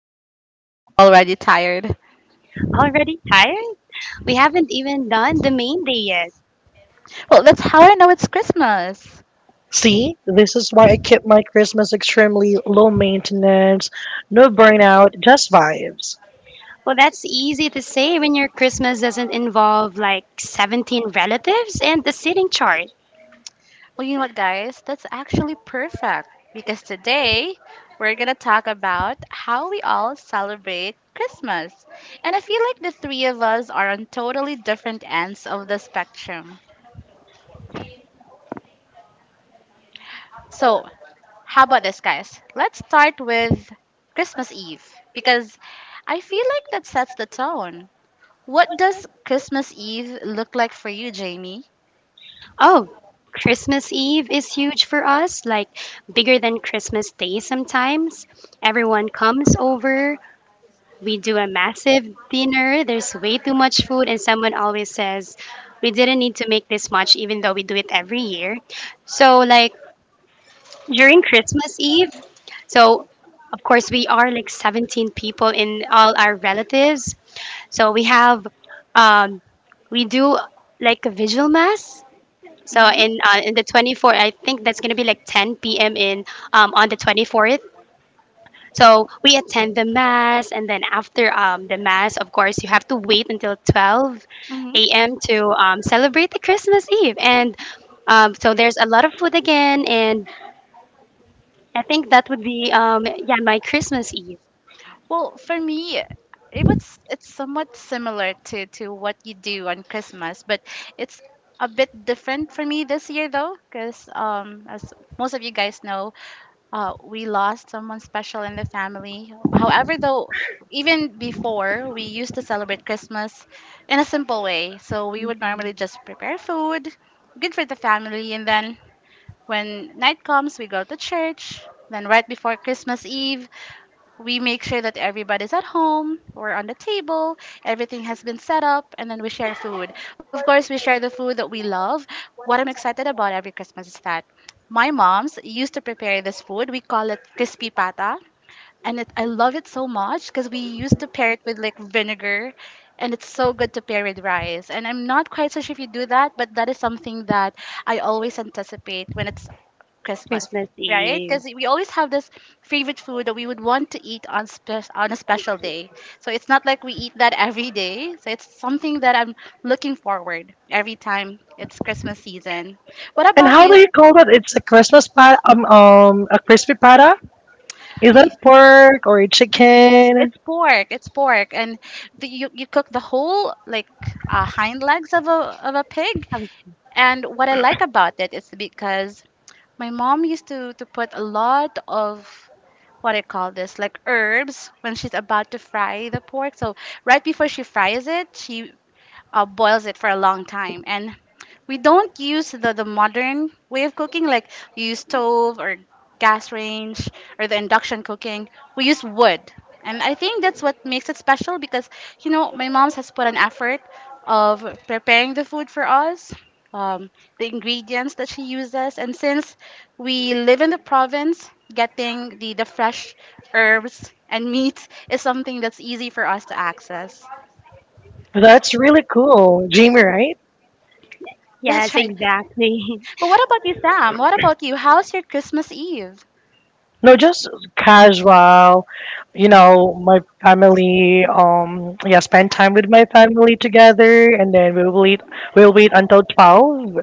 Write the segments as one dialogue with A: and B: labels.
A: two, I'm already tired.
B: Already tired? We haven't even done the main day yet.
A: Well, that's how I know it's Christmas.
C: See, this is why I keep my Christmas extremely low maintenance, no burnout, just vibes.
B: Well, that's easy to say when your Christmas doesn't involve like 17 relatives and the sitting chart.
A: Well, you know what, guys? That's actually perfect because today we're going to talk about how we all celebrate Christmas. And I feel like the three of us are on totally different ends of the spectrum. So, how about this, guys? Let's start with Christmas Eve because I feel like that sets the tone. What does Christmas Eve look like for you, Jamie?
B: Oh, Christmas Eve is huge for us, like bigger than Christmas Day sometimes. Everyone comes over, we do a massive dinner, there's way too much food, and someone always says, we didn't need to make this much, even though we do it every year. So, like, during Christmas Eve. So, of course, we are like 17 people in all our relatives. So we have, um, we do like a vigil mass. So
A: Mm-hmm.
B: in the 24th, I think that's gonna be like 10 p.m. in on the 24th. So we attend the mass, and then after the mass, of course, you have to wait until 12 a.m. to celebrate the Christmas Eve. And so there's a lot of food again, and I think that would be yeah, my Christmas Eve.
A: Well, for me, it was it's somewhat similar to what you do on Christmas, but
C: So,
A: it's a
C: everybody,
A: bit different for me this year though, because as most of you guys know, we lost someone special in the family. However, though,
C: even
A: even
C: before
A: before we
C: we use
A: used to
C: the
A: celebrate
C: celebration in a
A: Christmas in a
C: simple
A: simple
C: way,
A: way,
C: so
A: so we
C: we
A: would normally just prepare
C: also
A: food, good for the family, and
C: represent
A: then
C: when
A: when night comes, we go to church. Then right before Christmas Eve, we make sure that everybody's at home, we're on the
C: people,
A: table, everything
C: everybody.
A: has been set up, and then we share food. Of course, we share the food that we love. What I'm excited about every Christmas is that my mom's used to prepare this food. We call it crispy pata, and it, I love it so much because we used to pair it with like vinegar, and it's so good to pair with rice. And I'm not quite so sure if you do that, but that is something that I always anticipate when it's Christmas,
B: Christmas
A: right?
B: Eve.
A: Because we always have this favorite food that we would want to eat on on a special day. So it's not like we eat that every day. So it's something that I'm looking forward every time it's Christmas season. What about
C: How do you
A: you?
C: call that? It's a Christmas pat a crispy pata? Is that
A: Y-
C: a pork or a chicken?
A: It's pork. It's pork, and the, you cook the whole like hind legs of a pig.
B: Um,
A: And what I like about it is because my mom used to put a lot of what do you call this like herbs when she's about to fry the pork, so right before she fries it, she boils it for a long time, and we don't use the modern way of cooking, like we use stove or gas range or the induction cooking. We use wood, and I think that's what makes it special because, you know, my mom's has put an effort of preparing the food for us. um, the ingredients that she uses, and since we live in the province, getting the fresh herbs and meats is something that's easy for us to access.
C: That's really cool, Jimmy. Right?
A: That's
B: Yes,
A: right.
B: exactly.
A: But what about you, Sam? What about you? How's your Christmas Eve?
C: No, just casual. You know, my family. Yeah, spend time with my family together, and then we will eat. We will eat until 12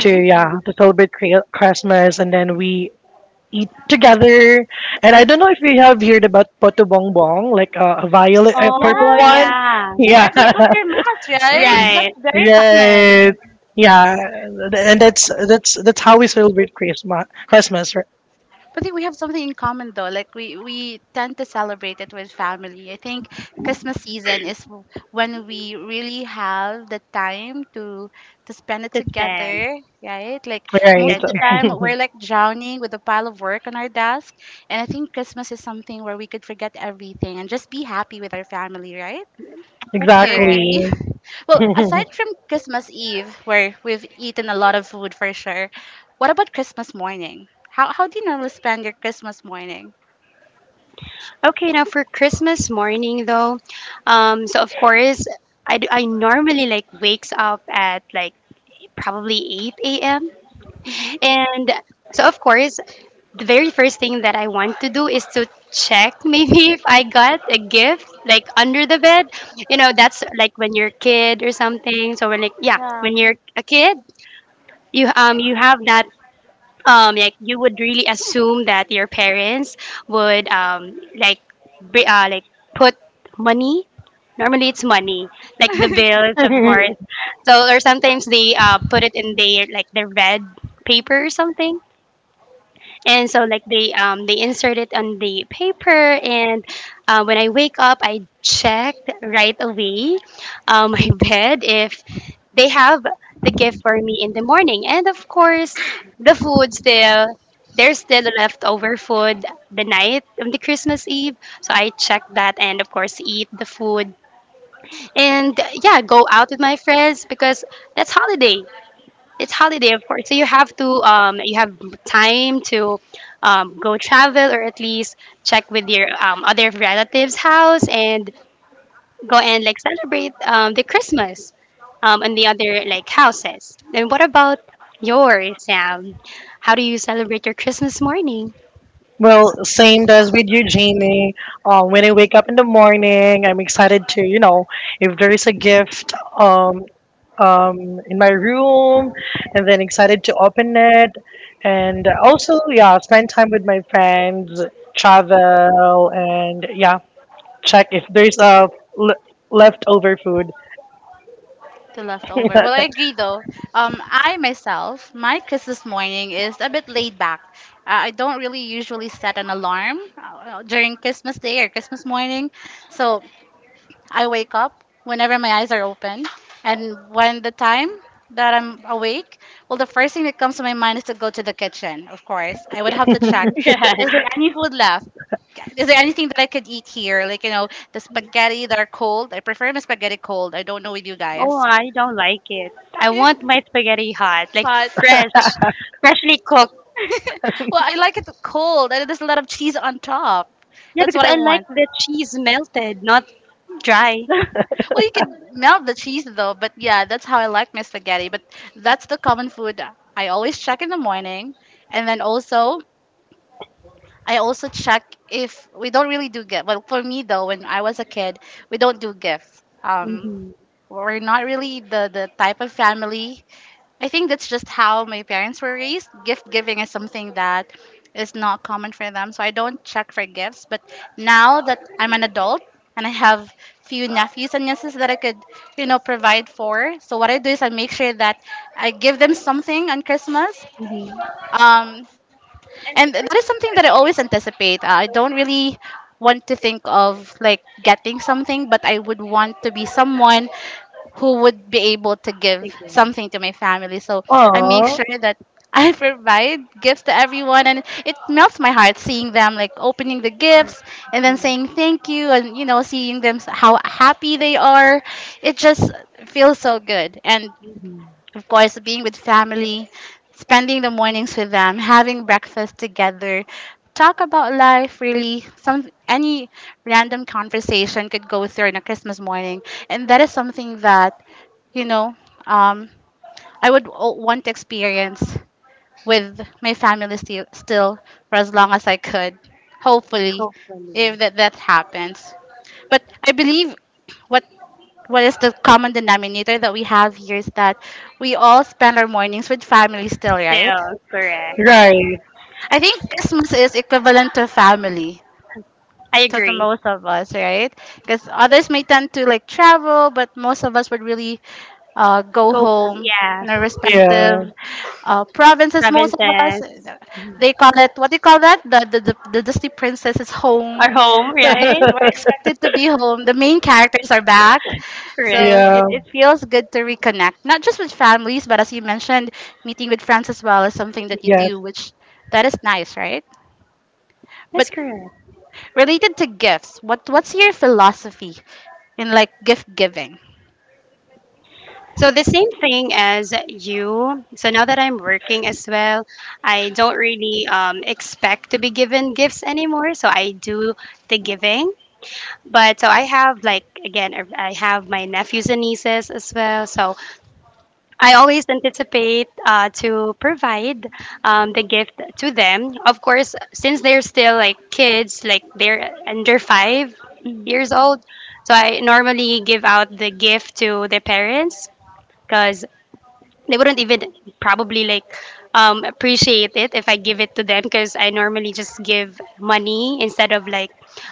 C: to yeah to celebrate Christmas, and then we eat together. And I don't know if you have heard about Poto Bong like a violet, a
B: Oh
C: purple one.
A: Yes,
B: yeah,
A: like
C: Yeah,
A: every after mass, right? That's
B: right.
A: very common.
C: right. Yeah, and that's how we celebrate Christmas.
A: But I think we have something in common though. Like we tend to celebrate it with family. I think Christmas season is when we really have the time to spend it
B: The spend.
A: together, right? Like most
C: Right?
B: That's
A: of the time
B: right.
A: we're like drowning with a pile of work on our desk, and I think Christmas is something where we could forget everything and just be happy with our family, right?
B: That's
A: Do you
B: correct.
A: agree?
C: exactly.
A: Well, aside from Christmas Eve, where we've eaten a lot of food for sure, what about Christmas morning? How do you normally spend your Christmas morning?
B: Okay, now for Christmas morning though, so of course I normally like wakes up at like probably 8 a.m.
A: Mm-hmm.
B: And so, of course, the very first thing that I want to do is to check maybe if I got a gift like under the bed. You know, that's like when you're a kid or something. So when like yeah,
A: Yeah.
B: when you're a kid, you have that like you would really assume that your parents would like bri- uh, like put money. Normally it's money, like the bills, of course. So or sometimes they put it in their like their red paper or something, and so like they insert it on the paper, and when I wake up, I check right away, my bed if they have the gift for me in the morning. And of course the food still, there's still leftover food the night on the Christmas Eve. So I check that and of course eat the food, and yeah, go out with my friends because that's holiday. It's holiday, of course. So you have to you have time to go travel or at least check with your other relatives' house and go and like celebrate the Christmas and the other like houses. Then what about yours, Sam? How do you celebrate your Christmas morning?
C: Well, same does with you, Jamie. When I wake up in the morning, I'm excited to, you know, if there is a gift in my room, and then excited to open it. And also, yeah, spend time with my friends, travel, and yeah, check if there's a l- leftover food.
A: The leftover. Well, I agree though. I myself, my Christmas morning is a bit laid back. I don't really usually set an alarm during Christmas Day or Christmas morning, so I wake up whenever my eyes are open. And when the time that I'm awake, well, the first thing that comes to my mind is to go to the kitchen, of course. I would have to check,
B: Yeah.
A: is there any food left? Is there anything that I could eat here? Like, you know, the spaghetti that are cold. I prefer my spaghetti cold. I don't know with you
B: Oh,
A: guys.
B: I don't like it. I want my spaghetti hot, like
A: But,
B: fresh, freshly cooked.
A: well, I like it cold. And there's a lot of cheese on top.
B: Yeah,
A: That's
B: because
A: what I
B: I like
A: want.
B: the cheese melted, not dry.
A: Well, you can melt the cheese though, but yeah, that's how I like my spaghetti. But that's the common food I always check in the morning, and then also I also check if we don't really do gift. Well, for me though, when I was a kid, we don't do gifts. We're not really the type of family. I think that's just how my parents were raised. Gift giving is something that is not common for them, so I don't check for gifts. But now that I'm an adult and I have few nephews and nieces that I could, you know, provide for, so what I do is I make sure that I give them something on Christmas. Um, and that is something that I always anticipate. I don't really want to think of like getting something, but I would want to be someone who would be able to give something to my family. So I make sure that I provide gifts to everyone, and it melts my heart seeing them like opening the gifts and then saying thank you, and you know, seeing them how happy they are. It just feels so good. And of course, being with family, spending the mornings with them, having breakfast together, talk about life really. Some any random conversation could go through on a Christmas morning, and that is something that, you know, um, I would want to experience with my family still, still for as long as I could. Hopefully, if that happens. But I believe what what is the common denominator that we have here is that we all spend our mornings with family still, right?
B: Still, correct.
C: Right.
A: I think
C: I
A: Christmas is equivalent to family.
B: I
A: So to the
B: agree.
A: most of us, right? Because others may tend to like travel, but most of us would really go
B: Go,
A: home
B: yeah.
A: in our respective provinces. Most of us,
B: Provinces
A: they call it, what do you call that? The Disney princess is home,
B: are home,
A: right? So
B: right?
A: we're expected to be home. The main characters are back.
B: Correct.
A: So
C: Yeah.
A: it feels good to reconnect, not just with families, but as you mentioned, meeting with friends as well is something that you
C: Yes.
A: do, which that is nice, right? But
B: That's correct.
A: related to gifts, what's your philosophy in like gift giving?
B: So the same thing as you. So now that I'm working as well, I don't really expect to be given gifts anymore. So I do the giving. But so I have like again, I have my nephews and nieces as well. So I always anticipate to provide the gift to them. Of course, since they're still like kids, like they're under 5 years old, so I normally give out the gift to the parents because they wouldn't even probably like appreciate it if I give it to them, because I normally just give money instead of like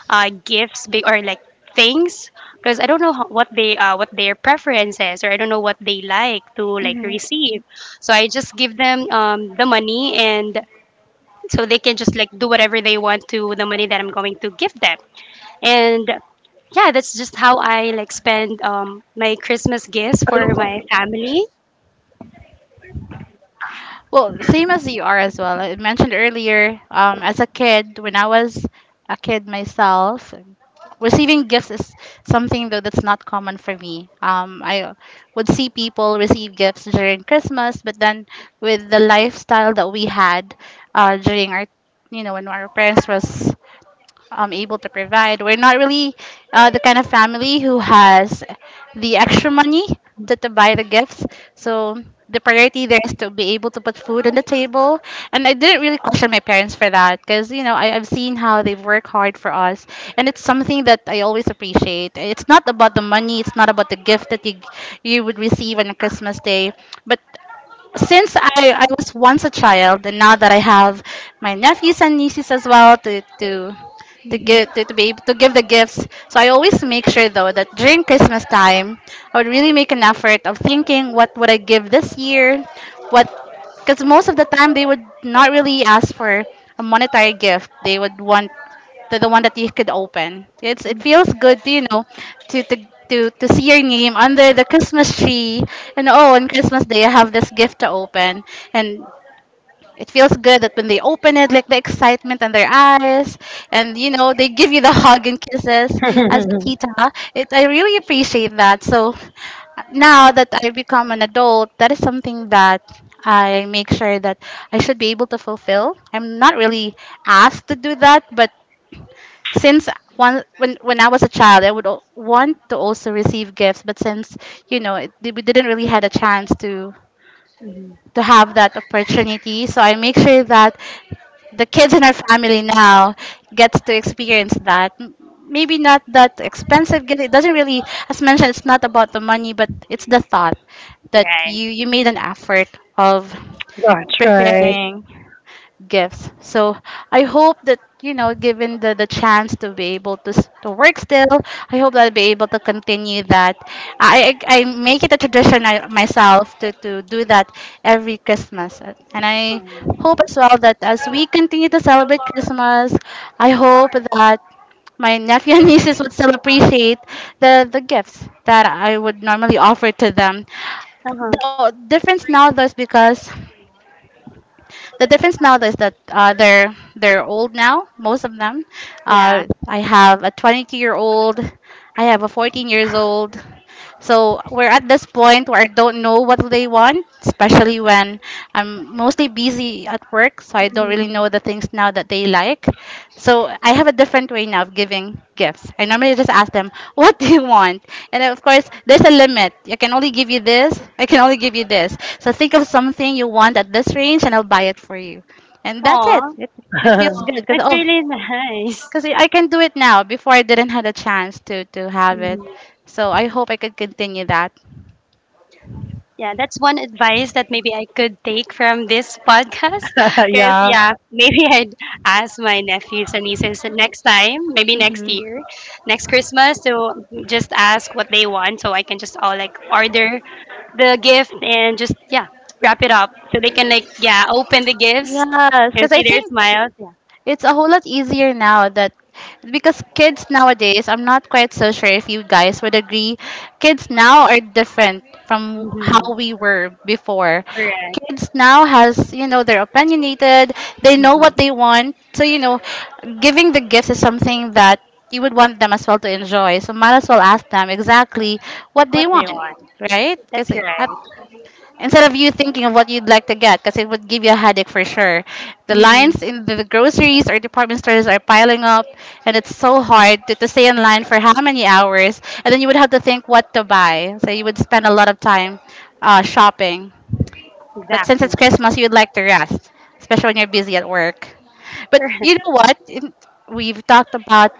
B: gifts big or like things because I don't know what they what their preferences, or I don't know what they like to like
A: Mm-hmm.
B: receive. So I just give them the money, and so they can just like do whatever they want to the money that I'm going to give them. And yeah, that's just how I like spend my Christmas gifts
C: I
B: for my family.
A: Well, same as you are as well. I mentioned earlier, as a kid, when I was a kid myself, receiving gifts is something though that's not common for me. I would see people receive gifts during Christmas, but then with the lifestyle that we had during our, you know, when our parents was able to provide. We're not really the kind of family who
C: look.
A: has the extra money to buy the gifts. So the priority there is to be able to put food on the table. And I didn't really question my parents for that because, you know, I've seen how they work hard for us. And it's something that I always appreciate. It's not about the money, it's not about the gift that you would receive on Christmas Day, but since I was once a child and now that I have my
C: Because
A: nephews and nieces as well to give to be able to give the
C: again,
A: gifts. So
C: I
A: I
C: always
A: always make
C: make
A: sure
C: sure
A: though that
C: that
A: during
C: every
A: Christmas
C: time
A: time I
C: I
A: would really
C: really
A: make
C: make
A: an
C: an effort.
A: effort of
C: The same thing
A: thinking,
C: was
A: what would
C: what I
A: I
C: give
A: give
C: this
A: this
C: year.
A: year? What,
C: What? Because
A: because most
C: most of
A: of the
C: the
A: time
C: time
A: they
C: they
A: would not
C: want to
A: really
C: be asked,
A: ask
C: who are
A: for
C: you?
A: a monetary gift. They would want the one
C: The one that
A: that you could open.
C: it
A: It's it
C: feels
A: feels
C: good.
A: good,
C: You
A: you
C: know,
A: know, to to to
C: to
A: see
C: hear
A: your
C: me.
A: name under the
C: After first
A: Christmas
C: few,
A: tree, and oh,
C: oh,
A: on
C: okay.
A: Christmas Day I have this gift to open,
C: It
A: and it feels
C: feels
A: good
C: good. It
A: that when they
C: feels
A: open it, like the excitement in their eyes, and you know they give you the hug and kisses as a
C: good.
A: tita. It I really appreciate that. So now that I become an adult, that is something that I make sure that I should be able to fulfill. I'm not really asked to do that, but since one when I was a child, I would want to also receive gifts, but since you know it, we didn't really had a chance to have that opportunity, so I make sure that the kids in our family now gets to experience that. Maybe not that expensive gift. It doesn't really, as mentioned, it's not about the money, but it's the thought that
B: Yeah.
A: you made an effort of
C: That's right.
A: preparing gifts. So I hope that you know, given the chance to be able to to work still, I hope that I'll be able to continue that. I make it a tradition I, myself to do that every Christmas, and I hope as well that as we continue to celebrate Christmas, I hope that my nephew and nieces would still appreciate the gifts that I would normally offer to them.
B: Uh-huh.
A: The difference now though is because the difference now is that they're old now, most of them.
B: Yeah.
A: I have a 22-year-old, I have a 14 years old. So we're at this point where I don't know what they want, especially when I'm mostly busy at work, so I don't really know the things now that they like. So I have a different way now of giving gifts. I normally just ask them, "What do you want?" And of course, there's a limit. I can only give you this. I can only give you this. So think of something you want at this range, and I'll buy it for you. And that's it.
B: Aw,
A: It feels good because
B: that's
A: oh,
B: really nice.
A: because I can do it now. Before I didn't had a chance to have it. So I hope I could continue that.
B: Yeah, that's one advice that maybe I could take from this podcast. Because,
C: yeah.
B: yeah, maybe I'd ask my nephews and nieces next time, maybe next
A: Mm-hmm.
B: year, next Christmas, to just ask what they want so I can just all like order the gift and just, yeah, wrap it up so they can, like, yeah, open the gifts
A: Yes,
B: and
A: because I
B: see their
A: think
B: smiles. Yeah.
A: it's a whole lot easier now that because kids nowadays, I'm not quite so sure if you guys would agree. Kids now are different from how
B: Hmm.
A: we were before.
B: Correct.
A: Kids now has they're opinionated, they know
B: Hmm.
A: what they want, so giving the gifts is something that you would want them as well to enjoy, so might as well ask them exactly what
B: What
A: they
B: they
A: want,
B: want.
A: right?
B: That's
A: Because instead
B: right.
A: of you thinking of what you'd like to get, because it would give you a headache for sure, the
B: Hmm.
A: lines in the groceries or department stores are piling up and it's so hard to stay in line for how many hours, and then you would have to think what to buy, so you would spend a lot of time shopping. But since
B: Exactly.
A: it's Christmas, you'd like to rest, especially when you're busy at work. But you know what? We've talked about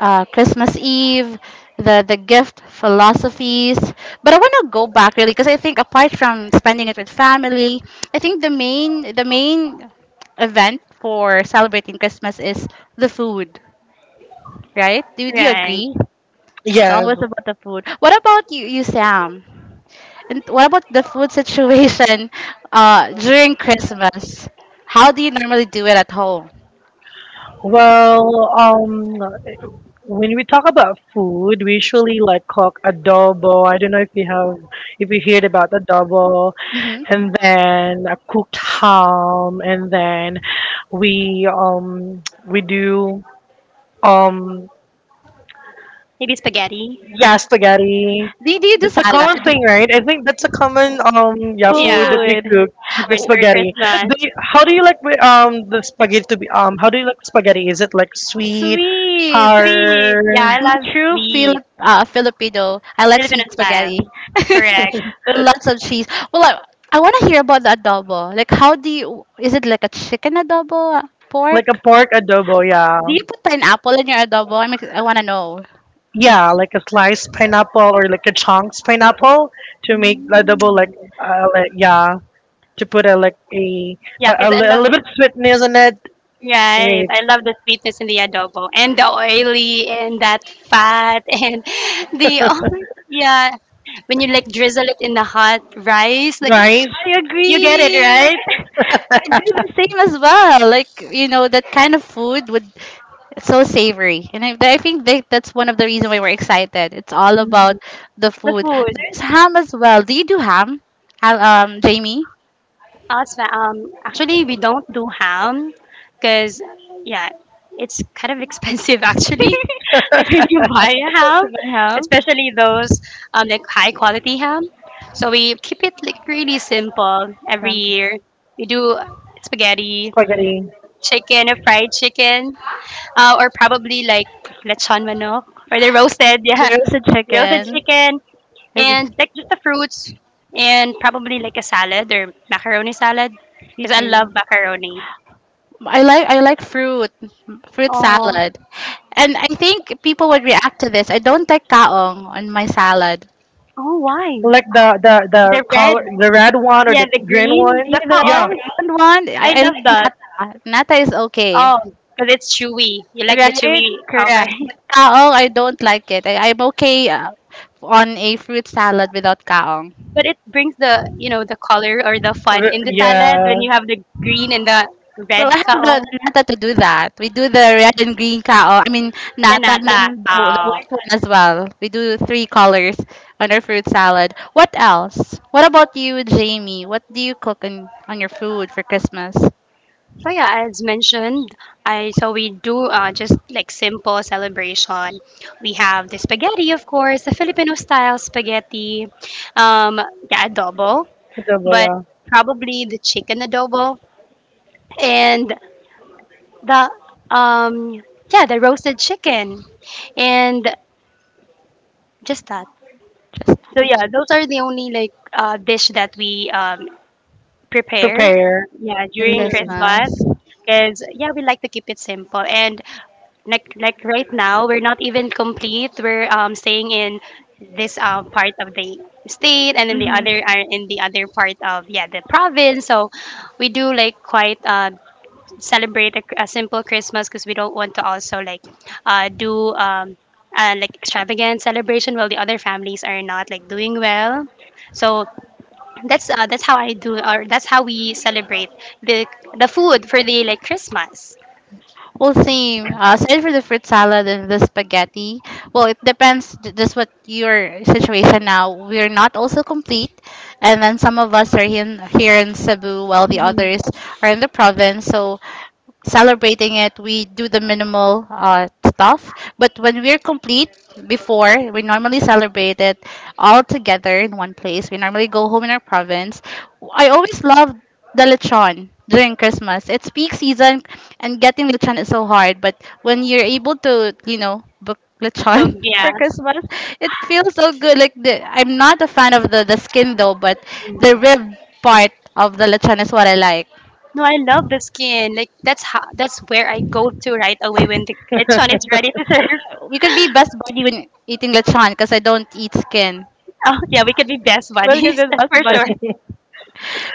A: Christmas Eve, the gift philosophies. But I want to go back really because I think apart from spending it with family, I think the main event for celebrating Christmas is the food, right? Do you
B: Right.
A: agree? It's yeah,
C: Yes.
A: always about the food. What about you, Sam? And what about the food situation during Christmas? How do you normally do it at home?
C: Well, when we talk about food, we usually like cook adobo. I don't know if you have, If you heard about adobo,
A: Hmm.
C: and then a cooked ham, and then we do um
B: Maybe spaghetti.
C: yeah, spaghetti.
A: Do you do
C: That's a
A: salad?
C: common thing, right? I think that's a common yeah food
B: Yeah.
C: that we
A: Food.
C: cook with the
B: Or
A: Oh,
B: for
C: spaghetti.
A: but
B: Christmas.
C: Do how do you like the spaghetti to be how do you like spaghetti? Is it like sweet,
A: sweet.
B: Sweet. Yeah,
C: sour,
B: I
A: I'm a
B: love
A: true
B: sweet.
A: Fili- Filipino. I like
B: Filipino
A: sweet
B: style.
A: spaghetti
B: Correct.
A: with lots of cheese. Well, I, I want to hear about the adobo. Like, how do you? Is it like a chicken adobo?
C: like a
A: Pork?
C: pork adobo? Yeah,
A: Do you put pineapple in your adobo? I want to know.
C: yeah, like a sliced pineapple or like a chunks pineapple to make adobo like yeah to put a like a
B: Yeah,
C: a
B: because I
C: a
B: love,
C: little bit sweetness in it.
B: right.
C: Right.
B: I love the sweetness in the adobo and the oily and that fat and the, oh yeah. When you like drizzle it in the hot rice, like,
C: Right?
A: I
B: you get it,
A: agree.
B: right?
A: I do the same as well. Like you know, that kind of food would, it's so savory, and I think that that's one of the reasons why we're excited. It's all about the
B: The
A: food.
B: food.
A: There's ham as well. Do you do ham? Ham, um, Jamie.
B: Actually, we don't do ham because, yeah, it's kind of expensive actually. Like when you buy a ham,
A: Do you have ham?
B: especially those like high quality ham. So we keep it like really simple every year. We do spaghetti,
C: Spaghetti.
B: chicken, a fried chicken, or probably like lechon manok, or the roasted, yeah,
A: There's a
B: roasted
A: chicken.
B: chicken,
A: Okay,
B: and like just the fruits and probably like a salad or macaroni salad
A: you
B: because I love
A: do.
B: macaroni.
A: I like fruit
B: Oh,
A: salad, and I think people would react to this. I don't like kaong on my salad.
B: oh, why
C: Like the
B: the red?
C: color, the red one or
B: Yeah,
C: the
B: the
C: green
B: green,
C: one.
A: Yeah, the
B: oh,
C: Yeah,
A: round one.
B: I
A: I
B: love
A: like
B: that.
A: nata. Nata is okay,
B: Oh, because it's chewy. You like the
A: right?
B: chewy, okay?
A: Correct. But kaong I don't like it. I'm okay, on a fruit salad without kaong.
B: But it brings, the, you know, the color or the fun in the salad when
C: Yeah,
B: you have the green and the red
A: Well, I have
B: kao.
A: the nata to do that. We do the red and green cow. I mean,
B: The
A: nata and
B: nata.
A: then the
B: Oh.
A: white one as well. We do three colors on our fruit salad. What else? What about you, Jamie? What do you cook on your food for Christmas?
B: So yeah, as mentioned, I so we do just like simple celebration. We have the spaghetti, of course, the Filipino style spaghetti, um, yeah, adobo,
C: double
B: but
C: yeah.
B: probably the chicken adobo, and the um, yeah, the roasted chicken, and just that.
A: Just
B: So yeah, those are the only like dish that we prepare,
C: Prepare.
B: yeah,
A: for
B: during
C: Mm.
A: Christmas.
B: Christmas, because yeah, we like to keep it simple and like right now we're not even complete. We're staying in this part of the state, and in the
A: Mm-hmm.
B: other are in the other part of, yeah, the province. So we do like quite celebrate a simple Christmas because we don't want to also like do like extravagant celebration while the other families are not like doing well. So that's how I do, or that's how we celebrate the the food for the like Christmas.
A: Well, same. Same for the fruit salad and the spaghetti. Well, it depends just what your situation now. We're not also complete, and then some of us are here in Cebu, while the
B: Mhm.
A: others are in the province. So celebrating it, we do the minimal stuff. But when we're complete, before, we normally celebrate it all together in one place. We normally go home in our province. I always love the lechon during Christmas. It's peak season and getting lechon is so hard. But when you're able to, you know, book
B: So
A: lechon
B: yeah,
A: for Christmas, it feels so good. Like the, I'm not a fan of the skin though, but the rib part of the lechon is what I like.
B: no, I love the skin. Like that's how, that's where I go to right away when the lechon is ready to serve.
A: We could be best buddy when eating lechon because I don't eat skin.
B: Oh yeah, we could be best
A: Well, because
B: buddies.
A: it's
B: That's
A: best
B: for sure.
A: buddy,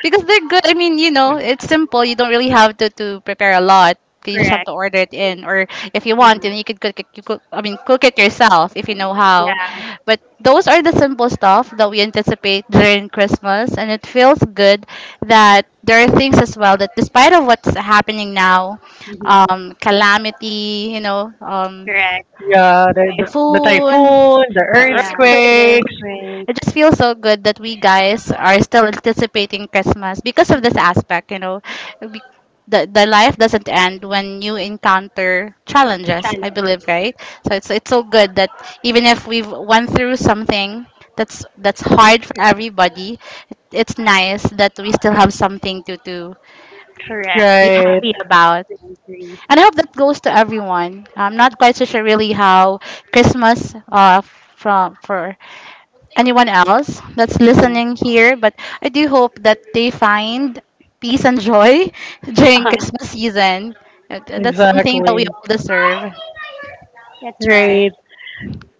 A: because they're good. I mean, you know, it's simple. You don't really have to prepare a lot. You just have to
B: Correct.
A: order it in, or if you want, then you could cook it. You cook, I mean, cook it yourself if you know how.
B: Yeah.
A: But those are the simple stuff that we anticipate during Christmas, and it feels good that there are things as well that, despite of what's happening now,
B: Hmm.
A: calamity, you know,
B: Correct.
C: Yeah, the
A: typhoon,
C: typhoon, the
A: the
B: Yeah.
A: earthquake.
B: Lyric
C: earthquakes,
B: break.
A: It just feels so good that we guys are still anticipating Christmas because of this aspect, you know. Be- the life doesn't end when you encounter challenges, I
B: Challenge.
A: believe, right? So it's so good that even if we've went through something that's hard for everybody, it's nice that we still have something to
B: Correct.
A: be
C: right?
A: happy about. And I hope that goes to everyone. I'm not quite so sure really how Christmas from for anyone else that's listening here, but I do hope that they find peace and joy during Christmas season. That's something that we
C: Exactly.
A: all deserve.
B: That's right.
C: Right.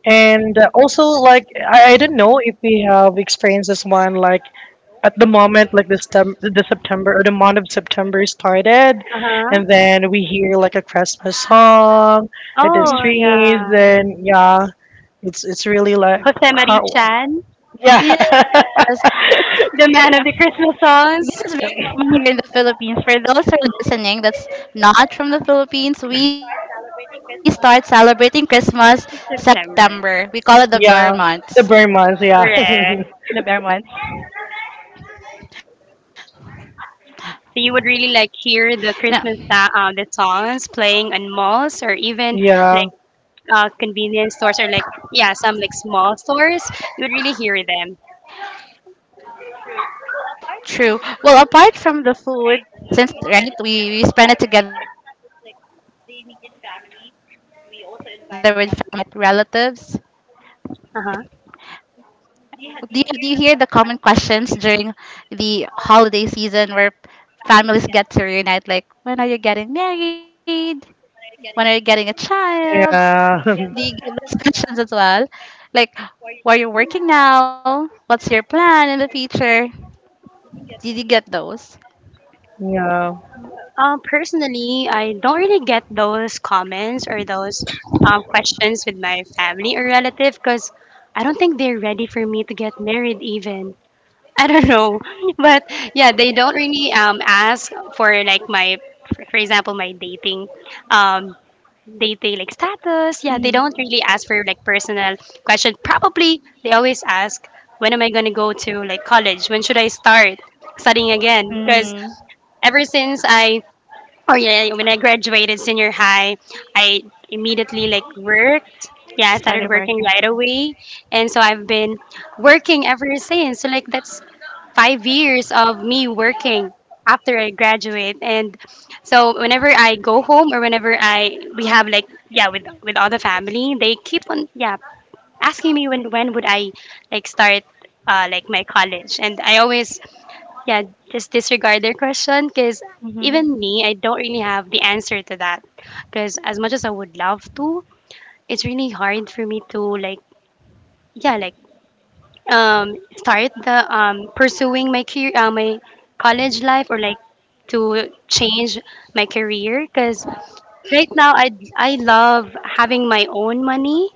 C: And also, like, I don't know if we have experienced this one, like, at the moment, like, the September or the month of September started,
B: Uh-huh.
C: and then we hear, like, a Christmas song at
A: Okay.
C: the
B: Oh,
C: streets,
B: yeah.
C: then, yeah, it's really, like,
B: Jose Marie
C: hard.
B: Chan,
C: Yeah.
A: Yes,
B: the man of the Christmas
A: this
B: songs.
A: is very common here in the Philippines. For those who are listening that's not from the Philippines, we start celebrating Christmas
B: September.
A: September. We call it the
C: Yeah,
A: Bear
C: the
A: Months.
C: Burmans. Yeah,
B: Correct.
A: The Bear Months.
B: So you would really like hear the songs playing on malls or even
C: yeah,
B: like convenience stores, or like yeah, some like small stores. You would really hear them.
A: True. Well, apart from the food, since right, we spend it together with family, and this is not just like the immediate family. We also invite relatives.
B: Uh huh.
A: Do you hear the common questions during the holiday season where families get to reunite? Like, when are you getting married? When are you getting a child?
C: yeah,
A: Do you get those questions as well? Like, where you're working now? What's your plan in the future? Did you get those?
C: yeah.
B: Personally, I don't really get those comments or those questions with my family or relative because I don't think they're ready for me to get married even. I don't know, but yeah, they don't really ask for like my, for example, my dating, um, dating like status. Yeah, they don't
A: Mm-hmm.
B: really ask for like personal question. Probably they always ask, when am I gonna go to like college? When should I start studying again? Because
A: Mm,
B: ever since I, oh yeah, yeah, yeah, when I graduated senior high, I immediately like worked.
A: started
B: Yeah, I
A: working.
B: started working right away, and so I've been working ever since. So like that's 5 years of me working after I graduate, and so whenever I go home, or whenever I we have like yeah, with all the family, they keep on, yeah, asking me when would I like start like my college, and I always, yeah, just disregard their question because
A: Mm-hmm.
B: even me, I don't really have the answer to that. Because as much as I would love to, it's really hard for me to like, yeah, like start the pursuing my career, my college life, or like to change my career. Because right now, I love having my own money,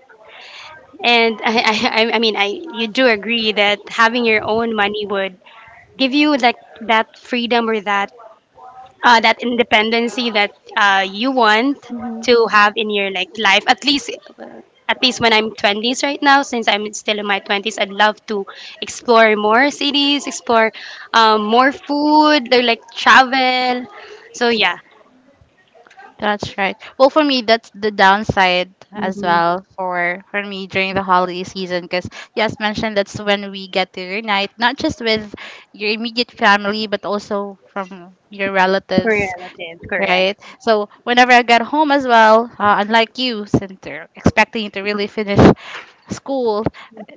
B: and I I mean, I, you do agree that having your own money would give you like that freedom, or that that independency that you want to have in your like life, at least when I'm 20s right now, since I'm still in my 20s, I'd love to explore more cities, explore more food, or like travel, so yeah.
A: That's right. Well, for me, that's the downside as
B: Mm-hmm.
A: well for me during the holiday season. Because yes, mentioned that's when we get to reunite, not just with your immediate family, but also from your relatives.
B: Relative
A: Right?
B: correct.
A: So whenever I got home as well, unlike you, Center, expecting you to really finish school,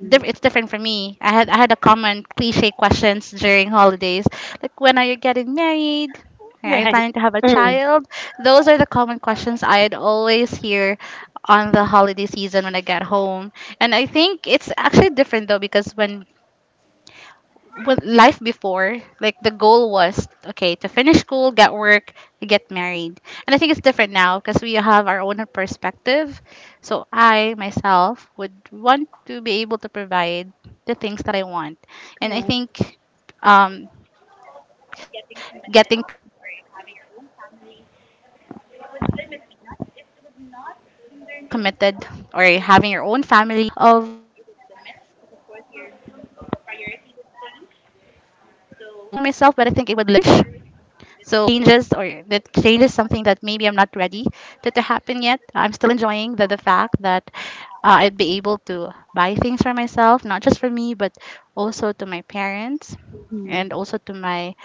A: it's different for me. I had a common cliche questions during holidays, like when are you getting married? Are you
B: Right.
A: planning to have a
C: Mm,
A: child? Those are the common questions I'd always hear on the holiday season when I get home. And I think it's actually different though, because when with life before, like the goal was okay to finish school, get work, get married. And I think it's different now because we have our own perspective. So I myself would want to be able to provide the things that I want, and I
B: Correct.
A: think um, getting committed or having your own family would limit me, not it would not hinder me of like providing for myself, but I think it would limit, because of course your priority would change. So the changes, something that maybe I'm not ready to happen yet. I'm still enjoying the fact that I'd be able to buy things for myself, not just for me, but also to my parents and also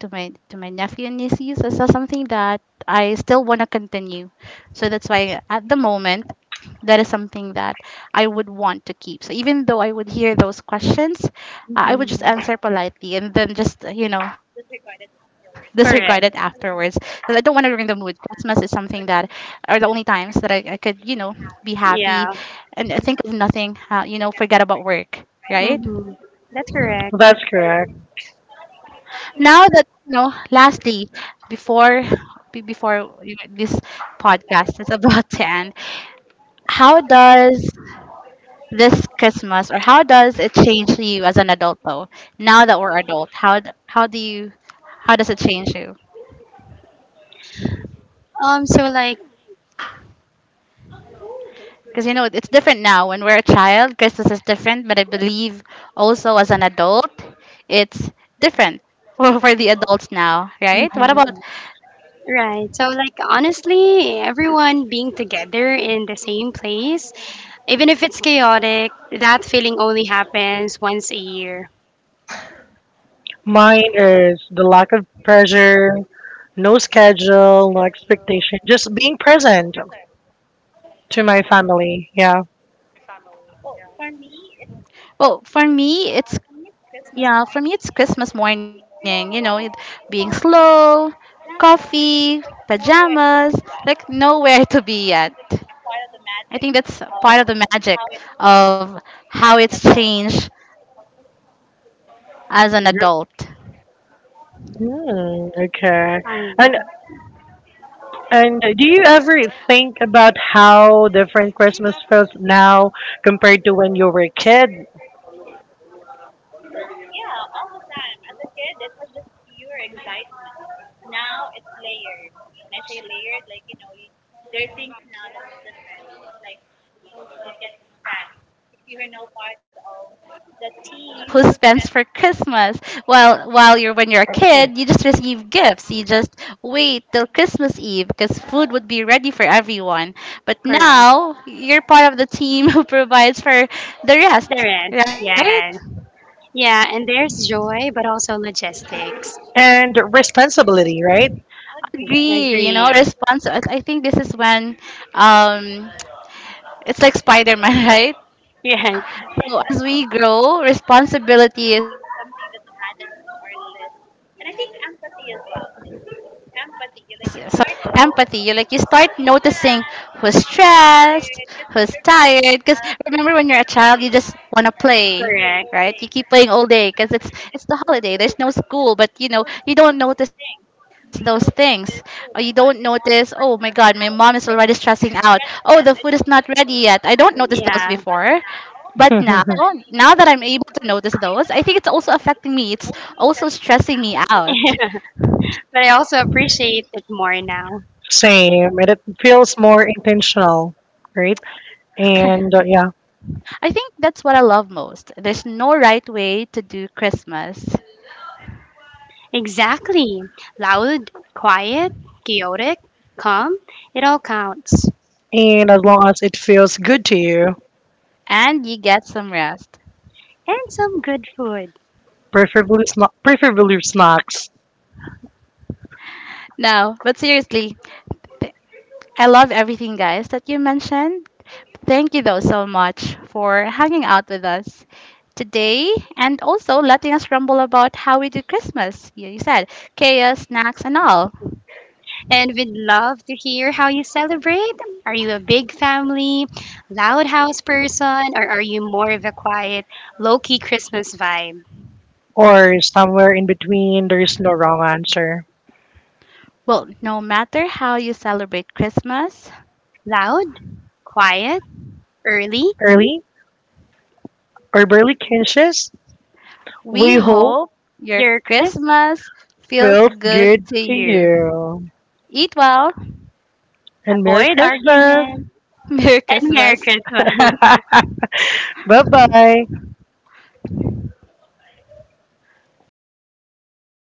A: to my nephew and nieces, is that something that I still want to continue. So that's why at the moment that is something that I would want to keep. So even though I would hear those questions, I would just answer politely and then just you know, disregard it afterwards because
B: Correct.
A: I don't want to ruin the mood. Christmas is something that are the only times that I could you know be happy
B: Yeah.
A: and think of nothing. You know, forget about work. Right?
B: Mm-hmm. That's correct.
C: well, that's correct.
A: Now that you know, lastly, before before you know, this podcast is about to end, how does this Christmas, or how does it change you as an adult though, now that we're adult, how how do you, how does it change you?
B: um so like
A: Because you know it's different now. When we're a child, Christmas is different, but I believe also as an adult it's different for the adults now, right? What about,
B: Right. So, like, honestly, everyone being together in the same place, even if it's chaotic, that feeling only happens once a year.
C: Mine is the lack of pressure, no schedule, no expectation, just being present to my family. Yeah.
A: well for me it's, yeah, for me it's Christmas morning, you know, it being slow, coffee, pajamas, like nowhere to be yet. I think that's part of the magic of how it's changed as an adult.
C: Mm, okay. And
B: Alright.
C: and do you ever think about how different Christmas feels now compared to when you were a kid?
A: Well, yeah, all the time. As a kid, it was just pure excitement. Now it's layered. When I say layered, like you know, you, there are things now that's different. Like you get to spend. You're no part of the team who spends for Christmas. While you're when you're a kid, you just receive gifts. You just wait till Christmas Eve because food would be ready for everyone. But
B: Correct.
A: now you're part of the team who provides for the rest,
B: There is.
A: right?
B: Yeah. Yeah. And there's joy, but also logistics.
C: And responsibility, right?
A: Agree, you know,
B: Agree.
A: response I think this is when um it's like Spider-Man right,
B: Yeah.
A: so as we grow, responsibility is something that's added to our list, and I think empathy as well. Empathy. You like, you start noticing who's stressed, who's tired. Because remember, when you're a child, you just want to play,
B: Correct.
A: right? You keep playing all day because it's the holiday. There's no school, but you know you don't notice those things, or you don't notice. Oh my God, my mom is already stressing out. Oh, the food is not ready yet. I don't notice those
B: Yeah.
A: before. But now, now that I'm able to notice those, I think it's also affecting me. It's also stressing me
B: Yeah.
A: out.
B: But I also appreciate it more now.
C: Same, and it feels more intentional, right? And yeah,
A: I think that's what I love most. There's no right way to do Christmas,
B: Exactly. Loud, quiet, chaotic, calm. It all counts.
C: and as long as it feels good to you,
A: and you get some rest.
B: And some good food.
C: preferably preferably snacks
A: No, but seriously, th- I love everything, guys, that you mentioned. Thank you, though, so much for hanging out with us today and also letting us rumble about how we do Christmas. You said chaos, snacks, and all.
B: And we'd love to hear how you celebrate. Are you a big family, loud house person, or are you more of a quiet, low key Christmas vibe?
C: or somewhere in between. There is no wrong answer.
A: Well, no matter how you celebrate Christmas,
B: Loud, quiet, early,
C: Early or barely conscious,
A: we
C: we hope
A: hope your
B: your Christmas.
A: Christmas feels
C: feels
A: good
C: good
A: to
C: to
A: you.
C: you.
A: Eat well.
C: And Merry
B: Avoid
C: Christmas.
B: arguments,
A: Merry
B: and Merry
A: Christmas.
B: Christmas.
C: bye bye.